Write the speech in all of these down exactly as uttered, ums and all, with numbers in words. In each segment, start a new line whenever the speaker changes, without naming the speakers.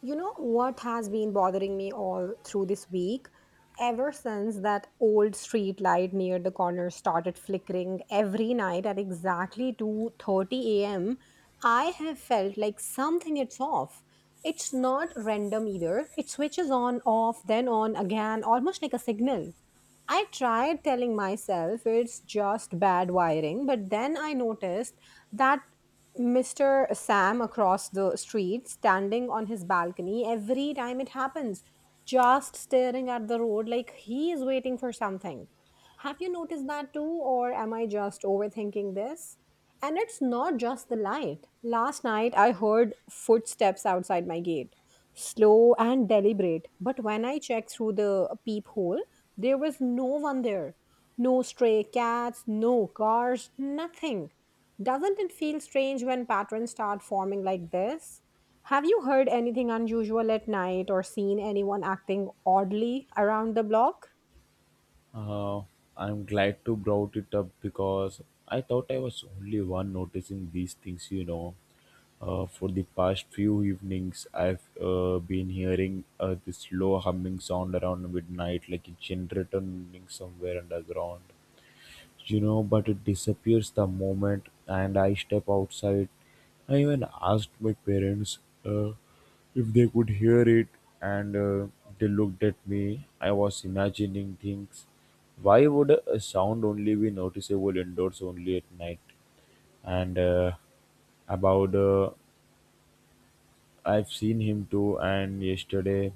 You know what has been bothering me all through this week? Ever since that old street light near the corner started flickering every night at exactly two thirty a m, I have felt like something it's off. It's not random either. It switches on, off, then on again, almost like a signal. I tried telling myself it's just bad wiring, but then I noticed that mister Sam across the street, standing on his balcony every time it happens, just staring at the road like he is waiting for something. Have you noticed that too, or am I just overthinking this? And it's not just the light. Last night I heard footsteps outside my gate, slow and deliberate, but when I checked through the peephole, there was no one there. No stray cats, no cars, nothing. Doesn't it feel strange when patterns start forming like this? Have you heard anything unusual at night or seen anyone acting oddly around the block?
Uh, I'm glad to brought it up because I thought I was only one noticing these things, you know. Uh, for the past few evenings, I've uh, been hearing uh, this low humming sound around midnight, like a generator running somewhere underground you know, but it disappears the moment and I step outside. I even asked my parents uh, if they could hear it, and uh, they looked at me. I was imagining things. Why would a sound only be noticeable indoors only at night? And uh, about uh, I've seen him too, and yesterday.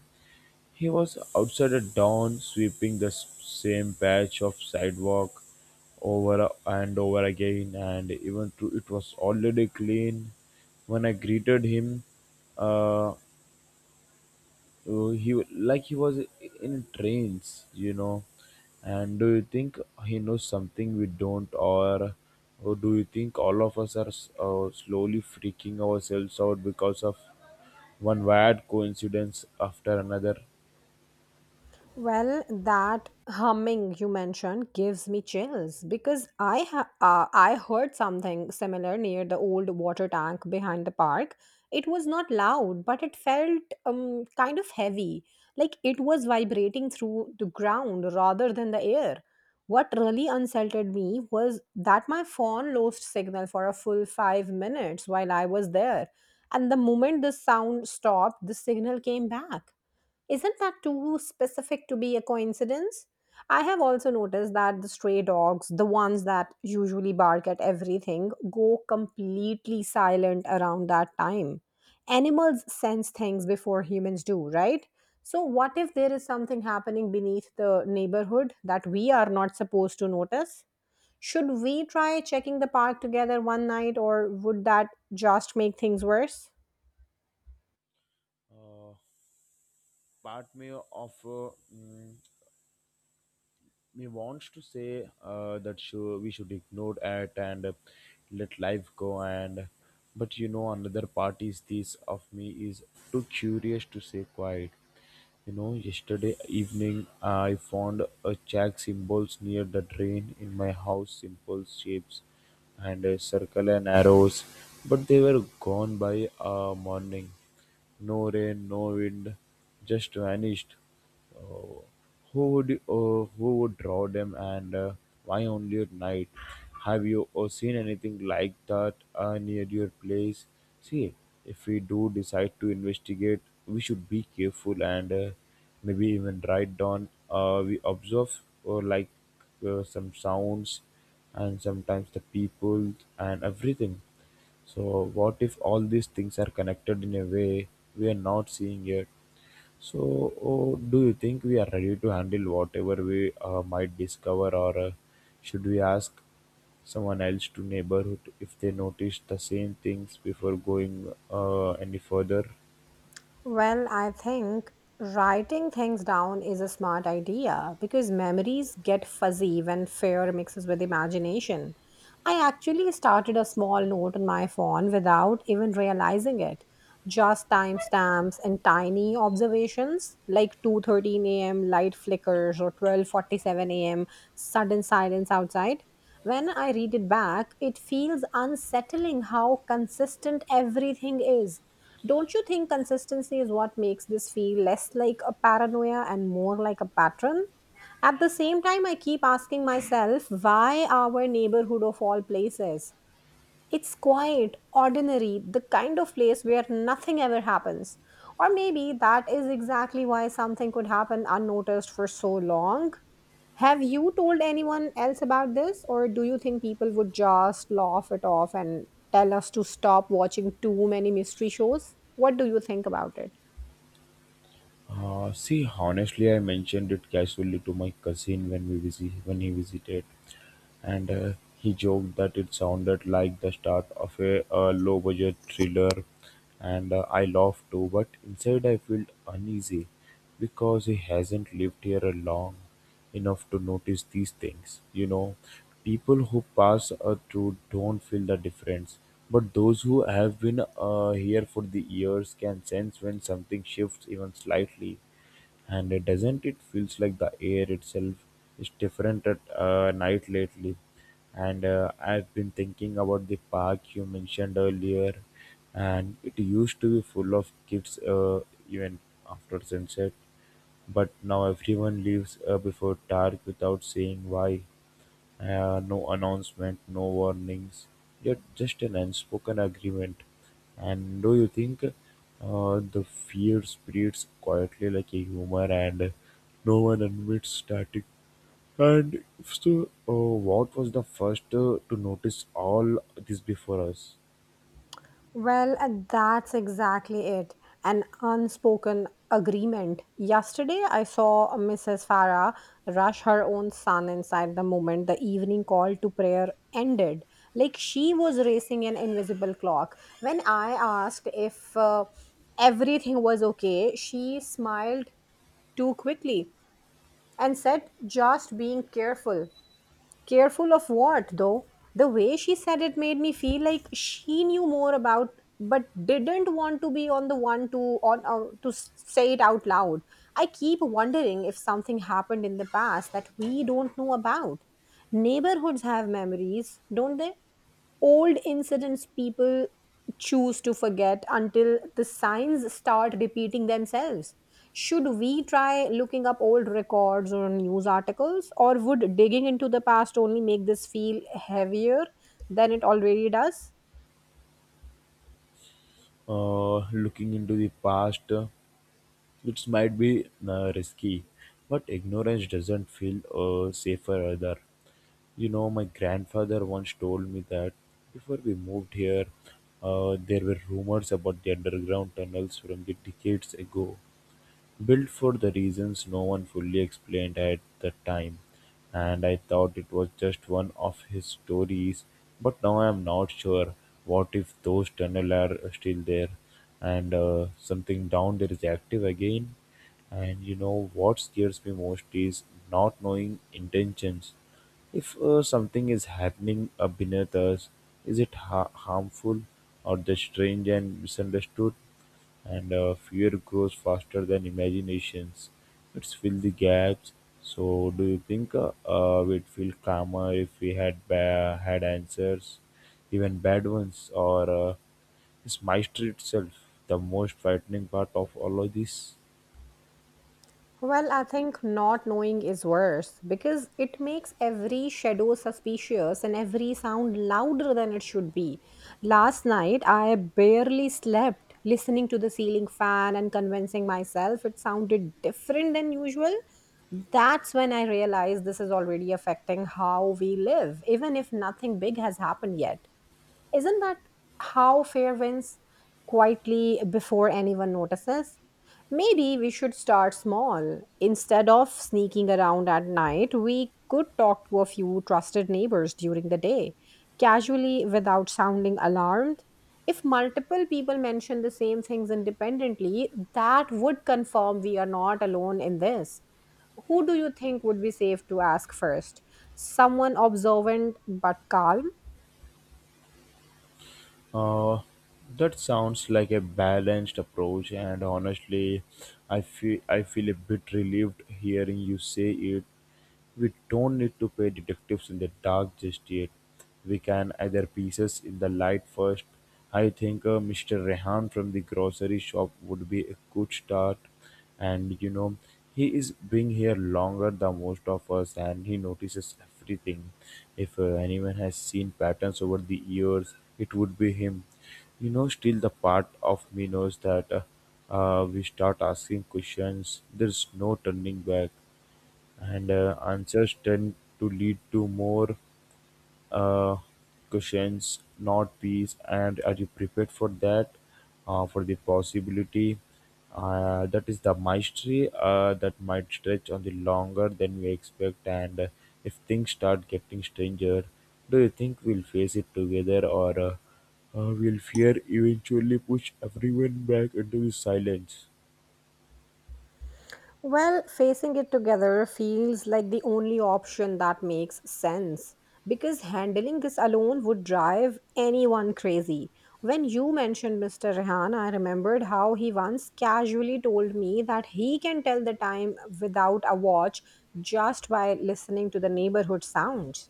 He was outside at dawn, sweeping the s- same patch of sidewalk over and over again, and even though it was already clean, when I greeted him, uh, he like he was in a trance, you know. And do you think he knows something we don't, or, or do you think all of us are s- uh, slowly freaking ourselves out because of one weird coincidence after another?
Well, that humming you mentioned gives me chills because I ha- uh, I heard something similar near the old water tank behind the park. It was not loud, but it felt um, kind of heavy, like it was vibrating through the ground rather than the air. What really unsettled me was that my phone lost signal for a full five minutes while I was there, and the moment the sound stopped, the signal came back. Isn't that too specific to be a coincidence? I have also noticed that the stray dogs, the ones that usually bark at everything, go completely silent around that time. Animals sense things before humans do, right? So, what if there is something happening beneath the neighborhood that we are not supposed to notice? Should we try checking the park together one night, or would that just make things worse?
Uh, part me of uh, mm, Me wants to say uh, that sure we should ignore it and uh, let life go and but you know another part is this of me is too curious to say quiet. You know, yesterday evening I found a jack symbols near the drain in my house, simple shapes and a circle and arrows, but they were gone by uh, morning. No rain, no wind, just vanished. uh, Who would uh, who would draw them and uh, why only at night? Have you uh, seen anything like that uh, near your place? See, if we do decide to investigate, we should be careful and uh, maybe even write down Uh, we observe or like uh, some sounds and sometimes the people and everything. So, what if all these things are connected in a way we are not seeing yet? So, oh, do you think we are ready to handle whatever we uh, might discover, or uh, should we ask someone else to neighborhood if they notice the same things before going uh, any further?
Well, I think writing things down is a smart idea because memories get fuzzy when fear mixes with imagination. I actually started a small note on my phone without even realizing it. Just timestamps and tiny observations like two thirteen a m light flickers or twelve forty-seven a m sudden silence outside. When I read it back, it feels unsettling how consistent everything is. Don't you think consistency is what makes this feel less like a paranoia and more like a pattern? At the same time, I keep asking myself why our neighborhood of all places? It's quiet, ordinary, the kind of place where nothing ever happens. Or maybe that is exactly why something could happen unnoticed for so long. Have you told anyone else about this, or do you think people would just laugh it off and tell us to stop watching too many mystery shows? What do you think about it?
Uh, see, honestly, I mentioned it casually to my cousin when we visit when he visited. and uh, he joked that it sounded like the start of a, uh, low-budget thriller, and uh, I laughed too. But inside, I felt uneasy because he hasn't lived here a long enough to notice these things. You know, people who pass uh, through don't feel the difference, but those who have been uh, here for the years can sense when something shifts even slightly. And it doesn't it feels like the air itself is different at uh, night lately. And uh, I've been thinking about the park you mentioned earlier, and it used to be full of kids uh, even after sunset, but now everyone leaves uh, before dark without saying why. Uh, no announcement, no warnings, yet just an unspoken agreement. And do you think uh, the fear spreads quietly like a humor and no one admits static? And if so, uh, what was the first uh, to notice all this before us?
Well, uh, that's exactly it. An unspoken agreement. Yesterday, I saw missus Farah rush her own son inside the moment the evening call to prayer ended. Like she was racing an invisible clock. When I asked if uh, everything was okay, she smiled too quickly and said, just being careful. Careful of what, though? The way she said it made me feel like she knew more about, but didn't want to be on the one to on uh, to s- say it out loud. I keep wondering if something happened in the past that we don't know about. Neighborhoods have memories, don't they? Old incidents people choose to forget until the signs start repeating themselves. Should we try looking up old records or news articles, or would digging into the past only make this feel heavier than it already does?
Uh, looking into the past, uh, it might be uh, risky, but ignorance doesn't feel uh, safer either. You know, my grandfather once told me that before we moved here, uh, there were rumors about the underground tunnels from the decades ago. Built for the reasons no one fully explained at the time, and I thought it was just one of his stories, but now I'm not sure. What if those tunnels are still there and uh, something down there is active again? And you know what scares me most is not knowing intentions. If uh, something is happening uh, beneath us, is it ha- harmful or just strange and misunderstood? And uh, fear grows faster than imaginations. It's fill the gaps. So do you think uh, uh, we'd feel calmer if we had ba- had answers, even bad ones, or uh, is mastery itself the most frightening part of all of this?
Well, I think not knowing is worse because it makes every shadow suspicious and every sound louder than it should be. Last night, I barely slept listening to the ceiling fan and convincing myself it sounded different than usual. That's when I realized this is already affecting how we live, even if nothing big has happened yet. Isn't that how fear wins quietly before anyone notices? Maybe we should start small. Instead of sneaking around at night, we could talk to a few trusted neighbors during the day, casually without sounding alarmed. If multiple people mention the same things independently, that would confirm we are not alone in this. Who do you think would be safe to ask first? Someone observant but calm.
Uh, that sounds like a balanced approach, and honestly, I feel I feel a bit relieved hearing you say it. We don't need to pay detectives in the dark just yet. We can either pieces in the light first. I think uh, mister Rehan from the grocery shop would be a good start. And you know, he is being here longer than most of us and he notices everything. If uh, anyone has seen patterns over the years, it would be him. You know, still the part of me knows that uh, uh, we start asking questions, there's no turning back. And uh, answers tend to lead to more uh, questions, not peace. And are you prepared for that? Uh, for the possibility? Uh, that is the mastery uh, that might stretch on the longer than we expect. And uh, if things start getting stranger, do you think we'll face it together or uh, uh, will fear eventually push everyone back into the silence?
Well, facing it together feels like the only option that makes sense because handling this alone would drive anyone crazy. When you mentioned mister Rehan, I remembered how he once casually told me that he can tell the time without a watch just by listening to the neighborhood sounds.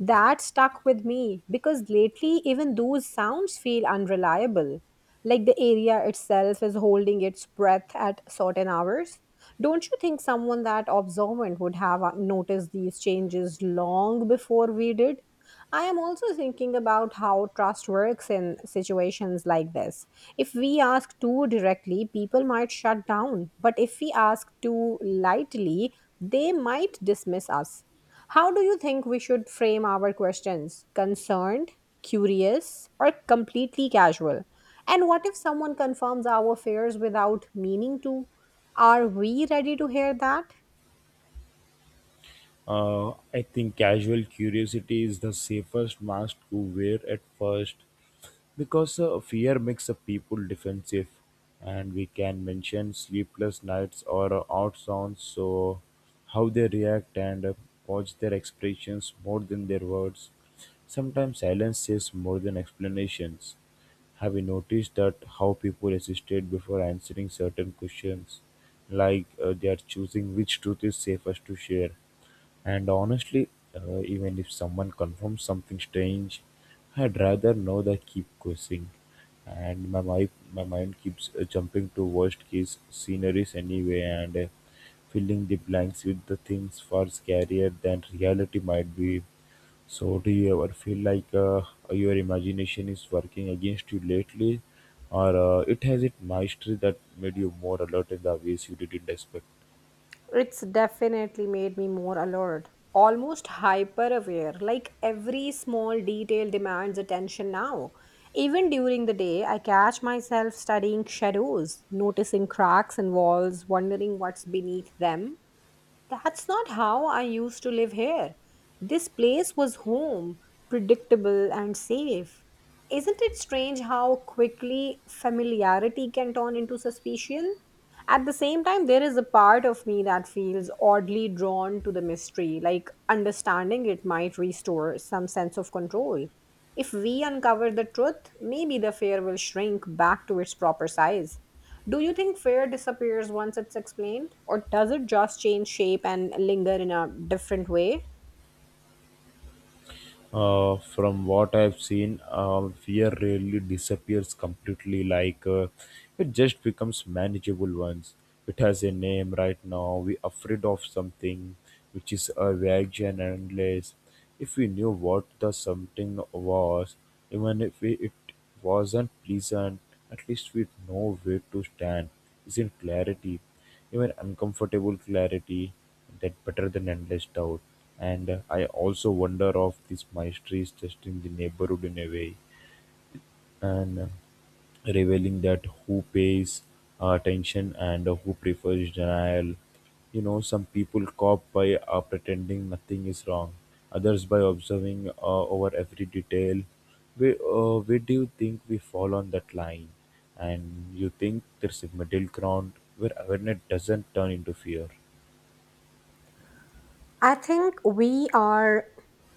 That stuck with me because lately even those sounds feel unreliable. Like the area itself is holding its breath at certain hours. Don't you think someone that observant would have uh, noticed these changes long before we did? I am also thinking about how trust works in situations like this. If we ask too directly, people might shut down. But if we ask too lightly, they might dismiss us. How do you think we should frame our questions? Concerned, curious, or completely casual? And what if someone confirms our fears without meaning to? Are we ready to hear that?
Uh, I think casual curiosity is the safest mask to wear at first because uh, fear makes a people defensive, and we can mention sleepless nights or uh, odd sounds, so how they react and uh, watch their expressions more than their words. Sometimes silence says more than explanations. Have you noticed that how people hesitate before answering certain questions, like uh, they are choosing which truth is safest to share? And honestly, uh, even if someone confirms something strange, I'd rather know than keep guessing. And my mind, my mind keeps uh, jumping to worst case sceneries anyway, and uh, filling the blanks with the things far scarier than reality might be. So, do you ever feel like uh, your imagination is working against you lately, or uh, it has its mastery that made you more alert in the ways you didn't expect?
It's definitely made me more alert, almost hyper aware. Like every small detail demands attention now. Even during the day, I catch myself studying shadows, noticing cracks in walls, wondering what's beneath them. That's not how I used to live here. This place was home, predictable and safe. Isn't it strange how quickly familiarity can turn into suspicion? At the same time, there is a part of me that feels oddly drawn to the mystery, like understanding it might restore some sense of control. If we uncover the truth, maybe the fear will shrink back to its proper size. Do you think fear disappears once it's explained, or does it just change shape and linger in a different way?
Uh, from what I've seen, uh, fear really disappears completely. Like uh, it just becomes manageable once. It has a name right now. We're afraid of something, which is a vague and endless. If we knew what the something was, even if we, it wasn't pleasant, at least with no way to stand, isn't clarity, even uncomfortable clarity, that better than endless doubt. And uh, I also wonder if this mystery is just in the neighborhood in a way and revealing that who pays attention and who prefers denial. You know, some people cop by uh, pretending nothing is wrong, others by observing uh, over every detail. Where, uh, where do you think we fall on that line? And you think there's a middle ground where awareness doesn't turn into fear?
I think we are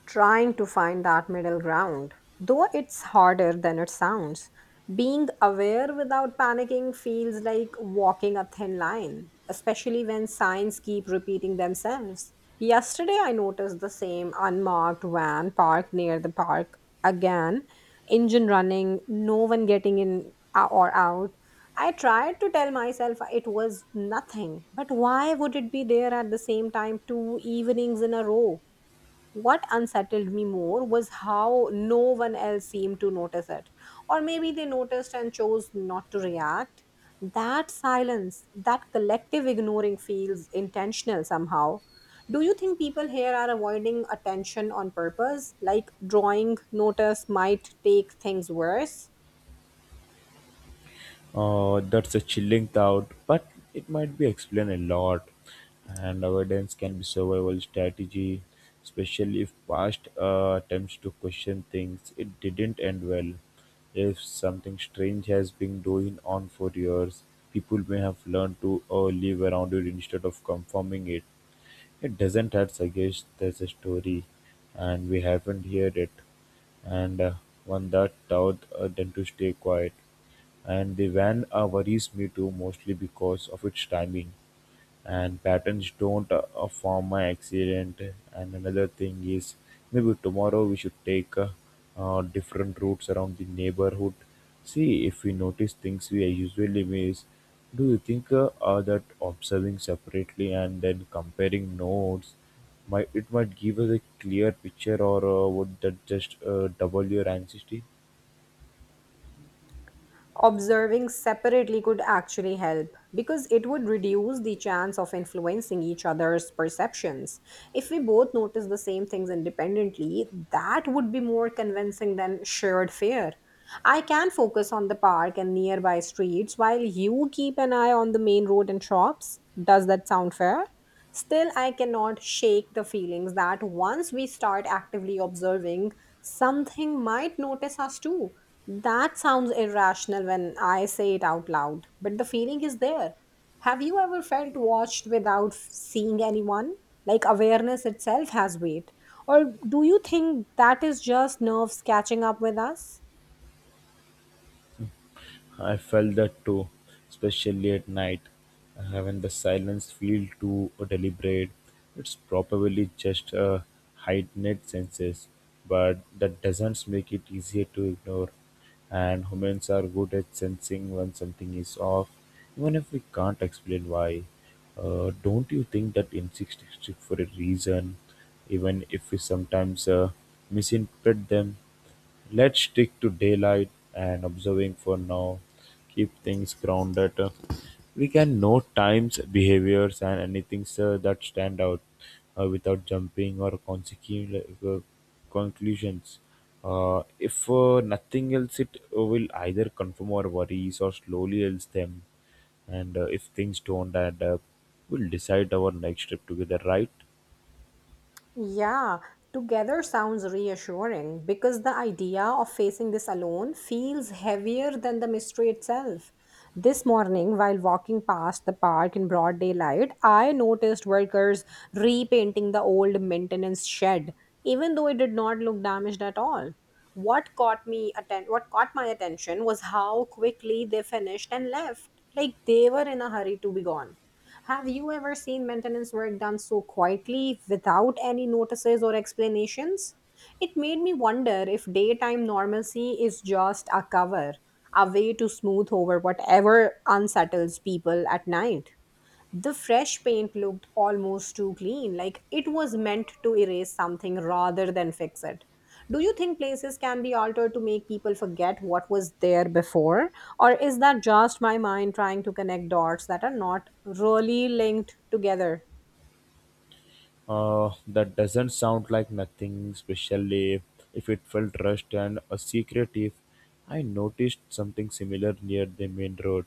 trying to find that middle ground, though it's harder than it sounds. Being aware without panicking feels like walking a thin line, especially when signs keep repeating themselves. Yesterday, I noticed the same unmarked van parked near the park again, engine running, no one getting in or out. I tried to tell myself it was nothing, but why would it be there at the same time two evenings in a row? What unsettled me more was how no one else seemed to notice it. Or maybe they noticed and chose not to react. That silence, that collective ignoring feels intentional somehow. Do you think people here are avoiding attention on purpose? Like drawing notice might take things worse?
Uh, that's a chilling thought, but it might be explained a lot. And avoidance can be survival strategy, especially if past uh, attempts to question things it didn't end well. If something strange has been going on for years, people may have learned to uh, live around it instead of confirming it. It doesn't hurt suggest there's a story and we haven't heard it, and uh, one that taught uh, them to stay quiet. And the van uh, worries me too, mostly because of its timing and patterns don't uh, uh, form my accident. And another thing is maybe tomorrow we should take uh, uh, different routes around the neighborhood. See if we notice things we usually miss. Do you think uh, uh, that observing separately and then comparing notes might it might give us a clear picture, or uh, would that just uh, double your anxiety?
Observing separately could actually help because it would reduce the chance of influencing each other's perceptions. If we both notice the same things independently, that would be more convincing than shared fear. I can focus on the park and nearby streets while you keep an eye on the main road and shops. Does that sound fair? Still, I cannot shake the feelings that once we start actively observing, something might notice us too. That sounds irrational when I say it out loud, but the feeling is there. Have you ever felt watched without f- seeing anyone? Like awareness itself has weight. Or do you think that is just nerves catching up with us?
I felt that too, especially at night, uh, when the silence feels too deliberate. It's probably just a heightened senses, but that doesn't make it easier to ignore. And humans are good at sensing when something is off, even if we can't explain why. Uh, don't you think that insects exist for a reason, even if we sometimes uh, misinterpret them? Let's stick to daylight and observing for now. Keep things grounded. We can note times, behaviors, and anything sir, that stand out uh, without jumping or consecu- uh, conclusions. Uh, if uh, nothing else, it will either confirm our worries or slowly else them. And uh, if things don't add up, we'll decide our next step together, right?
Yeah, together sounds reassuring because the idea of facing this alone feels heavier than the mystery itself. This morning, while walking past the park in broad daylight, I noticed workers repainting the old maintenance shed, even though it did not look damaged at all. What caught me atten- what caught my attention was how quickly they finished and left, like they were in a hurry to be gone. Have you ever seen maintenance work done so quietly without any notices or explanations? It made me wonder if daytime normalcy is just a cover, a way to smooth over whatever unsettles people at night. The fresh paint looked almost too clean, like it was meant to erase something rather than fix it. Do you think places can be altered to make people forget what was there before? Or is that just my mind trying to connect dots that are not really linked together?
Uh, that doesn't sound like nothing, especially if it felt rushed and uh, secretive. I noticed something similar near the main road.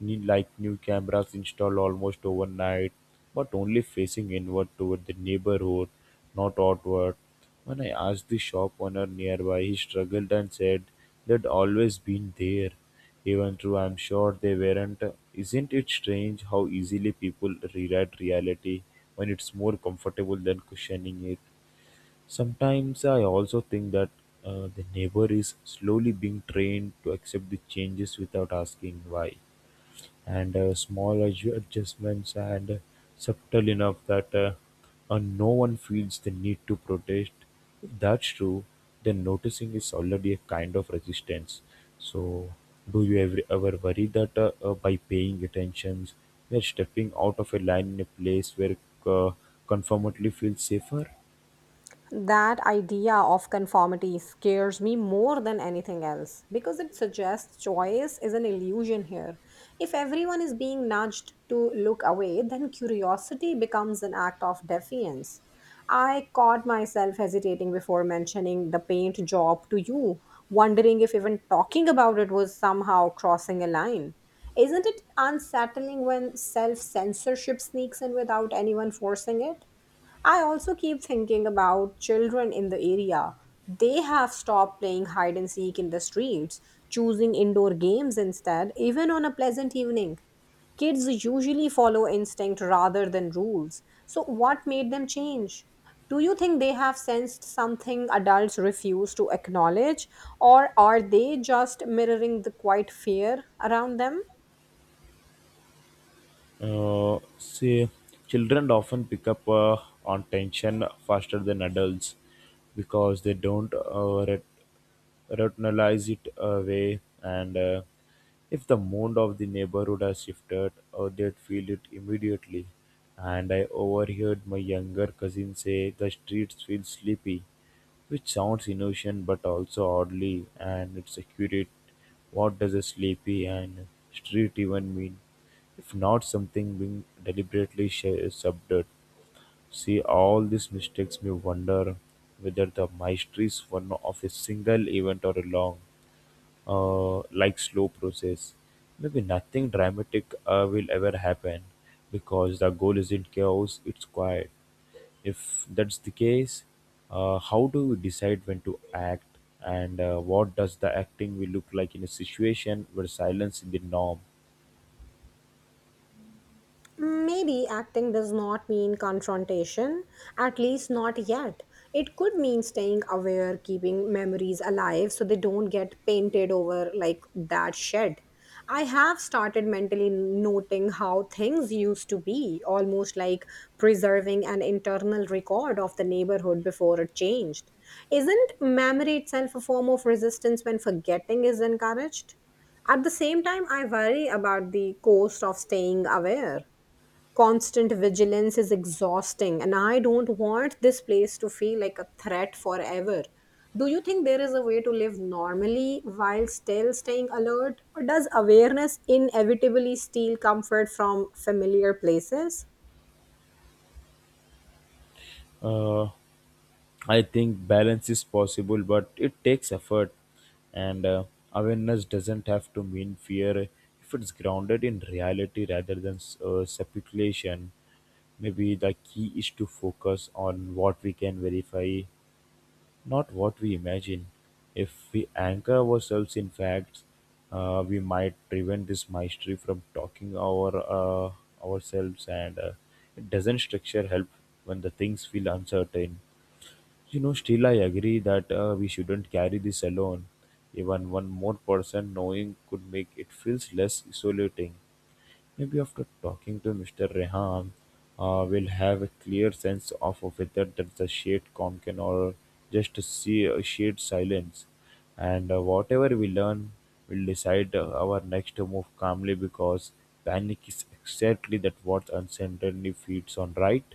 New, like new cameras installed almost overnight, but only facing inward toward the neighborhood, not outward. When I asked the shop owner nearby, he struggled and said they'd always been there. Even true, I'm sure they weren't, isn't it strange how easily people rewrite reality when it's more comfortable than questioning it? Sometimes I also think that uh, the neighbor is slowly being trained to accept the changes without asking why and uh, small adju- adjustments and uh, subtle enough that uh, uh, no one feels the need to protest. If that's true, then noticing is already a kind of resistance. So, do you ever, ever worry that uh, uh, by paying attention, you're stepping out of a line in a place where uh, conformity feels safer?
That idea of conformity scares me more than anything else because it suggests choice is an illusion here. If everyone is being nudged to look away, then curiosity becomes an act of defiance. I caught myself hesitating before mentioning the paint job to you, wondering if even talking about it was somehow crossing a line. Isn't it unsettling when self censorship sneaks in without anyone forcing it? I also keep thinking about children in the area. They have stopped playing hide and seek in the streets, choosing indoor games instead, even on a pleasant evening. Kids usually follow instinct rather than rules. So, what made them change? Do you think they have sensed something adults refuse to acknowledge, or are they just mirroring the quiet fear around them?
Uh, see, children often pick up uh, on tension faster than adults because they don't uh, rat- rationalize it away. And uh, if the mood of the neighborhood has shifted, uh, they'd feel it immediately. And I overheard my younger cousin say the streets feel sleepy, which sounds innocent but also oddly and it's accurate. What does a sleepy and street even mean? If not something being deliberately sh- subdued. See all these mistakes me wonder whether the mastery is one of a single event or a long, uh, like slow process. Maybe nothing dramatic uh, will ever happen because the goal isn't chaos, it's quiet. If that's the case, uh, how do we decide when to act, and uh, what does the acting will look like in a situation where silence is the norm?
Maybe acting does not mean confrontation, at least not yet. It could mean staying aware, keeping memories alive so they don't get painted over like that shed. I have started mentally noting how things used to be, almost like preserving an internal record of the neighborhood before it changed. Isn't memory itself a form of resistance when forgetting is encouraged? At the same time, I worry about the cost of staying aware. Constant vigilance is exhausting, and I don't want this place to feel like a threat forever. Do you think there is a way to live normally while still staying alert, or does awareness inevitably steal comfort from familiar places?
Uh, I think balance is possible, but it takes effort, and uh, awareness doesn't have to mean fear if it's grounded in reality rather than uh, speculation. Maybe the key is to focus on what we can verify. Not what we imagine. If we anchor ourselves in facts, uh, we might prevent this mystery from talking our uh, ourselves, and uh, it doesn't structure help when the things feel uncertain. You know, still I agree that uh, we shouldn't carry this alone. Even one more person knowing could make it feels less isolating. Maybe after talking to mister Rehan, uh, we'll have a clear sense of whether that's a shade Konkan or just a sea- a shade silence. And uh, whatever we learn, we'll decide uh, our next move calmly because panic is exactly that what uncertainty feeds on, right?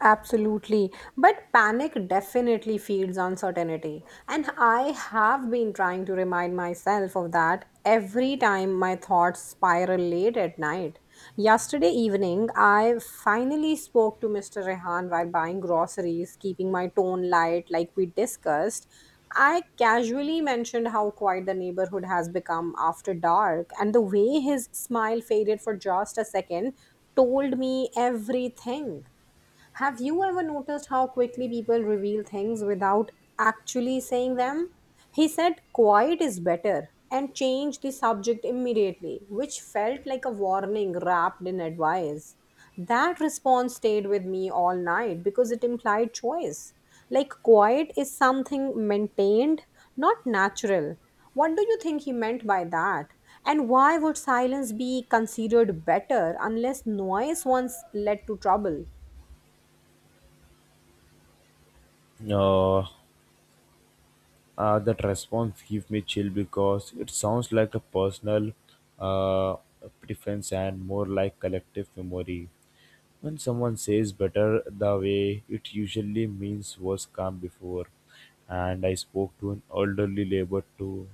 Absolutely. But panic definitely feeds uncertainty. And I have been trying to remind myself of that every time my thoughts spiral late at night. Yesterday evening, I finally spoke to mister Rehan while buying groceries, keeping my tone light like we discussed. I casually mentioned how quiet the neighborhood has become after dark, and the way his smile faded for just a second told me everything. Have you ever noticed how quickly people reveal things without actually saying them? He said, quiet is better, and changed the subject immediately, which felt like a warning wrapped in advice. That response stayed with me all night because it implied choice. Like, quiet is something maintained, not natural. What do you think he meant by that? And why would silence be considered better unless noise once led to trouble?
Uh, uh, that response gives me chill because it sounds like a personal uh, preference and more like collective memory. When someone says better the way, it usually means was calm before. And I spoke to an elderly neighbor too,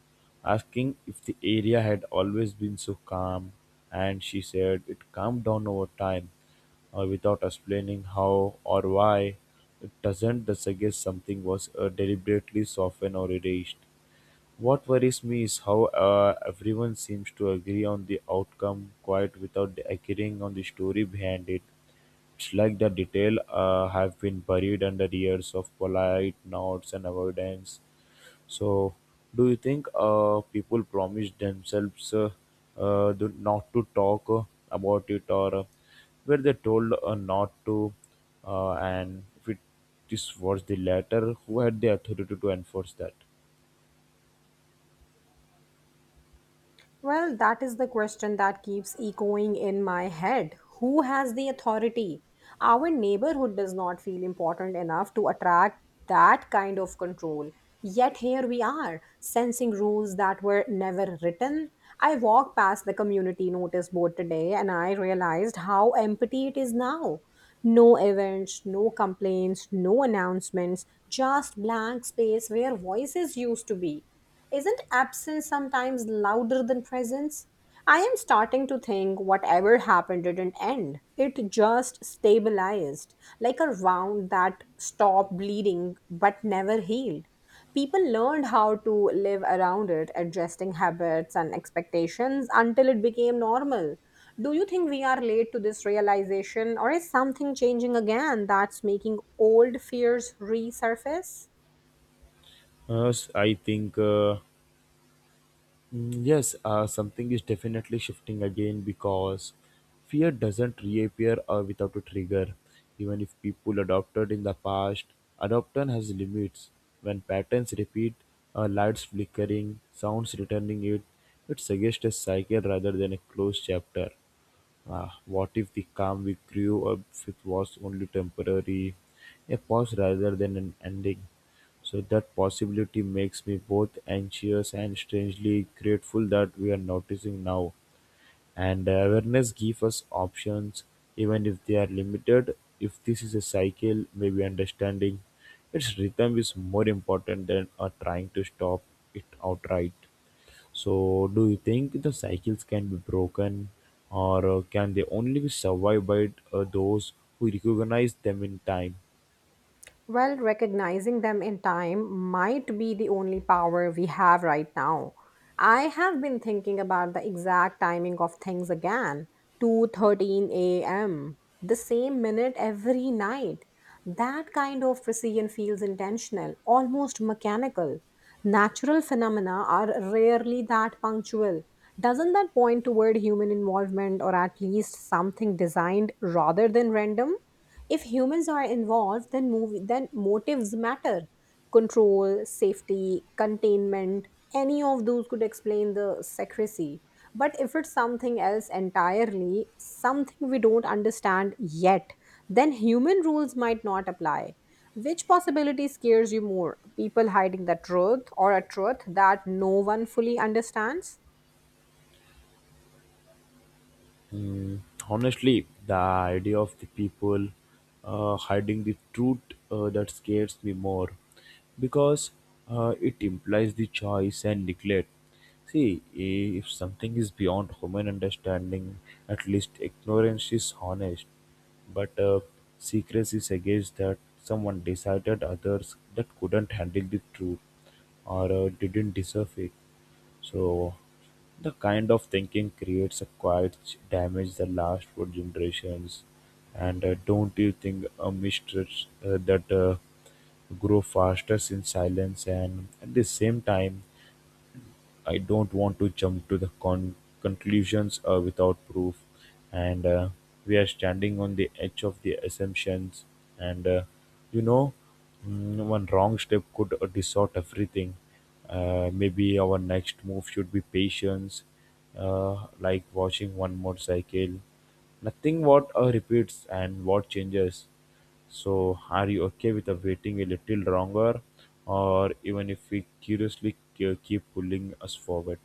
asking if the area had always been so calm. And she said it calmed down over time, uh, without explaining how or why. It doesn't suggest something was uh, deliberately softened or erased. What worries me is how uh, everyone seems to agree on the outcome quite without agreeing on the story behind it. It's like the detail uh, have been buried under years of polite nods and avoidance. So, do you think uh, people promise themselves uh, uh, do- not to talk uh, about it, or uh, were they told uh, not to? Uh, and if it is was the latter, who had the authority to enforce that?
Well, that is the question that keeps echoing in my head. Who has the authority? Our neighborhood does not feel important enough to attract that kind of control. Yet here we are, sensing rules that were never written. I walked past the community notice board today, and I realized how empty it is now. No events, no complaints, no announcements, just blank space where voices used to be. Isn't absence sometimes louder than presence? I am starting to think whatever happened didn't end. It just stabilized, like a wound that stopped bleeding but never healed. People learned how to live around it, adjusting habits and expectations until it became normal. Do you think we are late to this realization, or is something changing again that's making old fears resurface?
Uh, s- I think uh, mm, yes, uh, something is definitely shifting again because fear doesn't reappear uh, without a trigger. Even if people adopted in the past, adoption has limits. When patterns repeat, uh, lights flickering, sounds returning it, it suggests a cycle rather than a closed chapter. Ah, what if the calm we grew up with was only temporary, a pause rather than an ending? So that possibility makes me both anxious and strangely grateful that we are noticing now. And awareness gives us options, even if they are limited. If this is a cycle, maybe understanding its rhythm is more important than uh, trying to stop it outright. So, do you think the cycles can be broken, or uh, can they only be survived by uh, those who recognize them in time?
Well, recognizing them in time might be the only power we have right now. I have been thinking about the exact timing of things again, two thirteen a m, the same minute every night. That kind of precision feels intentional, almost mechanical. Natural phenomena are rarely that punctual. Doesn't that point toward human involvement, or at least something designed rather than random? If humans are involved, then movie, then motives matter. Control, safety, containment, any of those could explain the secrecy. But if it's something else entirely, something we don't understand yet, then human rules might not apply. Which possibility scares you more, people hiding the truth, or a truth that no one fully understands?
Mm, honestly, the idea of the people uh, hiding the truth, uh, that scares me more because uh, it implies the choice and neglect. See, if something is beyond human understanding, at least ignorance is honest. But uh, secrecy suggests that someone decided others that couldn't handle the truth or uh, didn't deserve it. So the kind of thinking creates a quiet ch- damage that lasts for generations. And uh, don't you think a mistress uh, that uh, grow fastest in silence. And at the same time I don't want to jump to the con- conclusions uh, without proof, and uh, we are standing on the edge of the assumptions. And uh, you know, mm, one wrong step could uh, distort everything. Uh, maybe our next move should be patience, uh, like watching one motorcycle. Nothing what uh, repeats and what changes. So are you okay with uh, waiting a little longer, or even if we curiously ke- keep pulling us forward?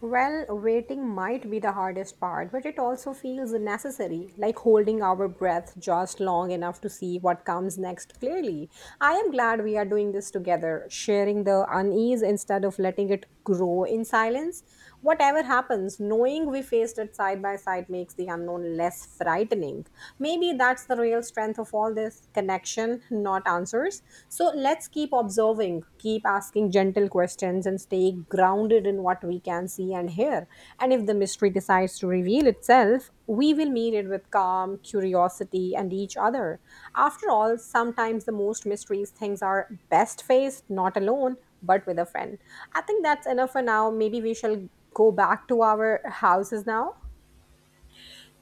Well, waiting might be the hardest part, but it also feels necessary, like holding our breath just long enough to see what comes next clearly. I am glad we are doing this together, sharing the unease instead of letting it grow in silence. Whatever happens, knowing we faced it side by side makes the unknown less frightening. Maybe that's the real strength of all this connection, not answers. So let's keep observing, keep asking gentle questions, and stay grounded in what we can see and hear. And if the mystery decides to reveal itself, we will meet it with calm, curiosity, and each other. After all, sometimes the most mysterious things are best faced not alone, but with a friend. I think that's enough for now. Maybe we shall go back to our houses now.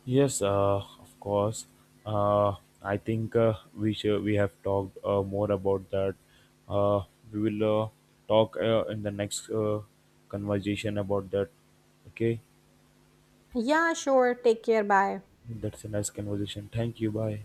Yes, uh, of course. Uh, I think uh, we should, we have talked uh, more about that. Uh, we will uh, talk uh, in the next uh, conversation about that. Okay,
Yeah, sure. Take care. Bye.
that's a nice conversation. Thank you. Bye.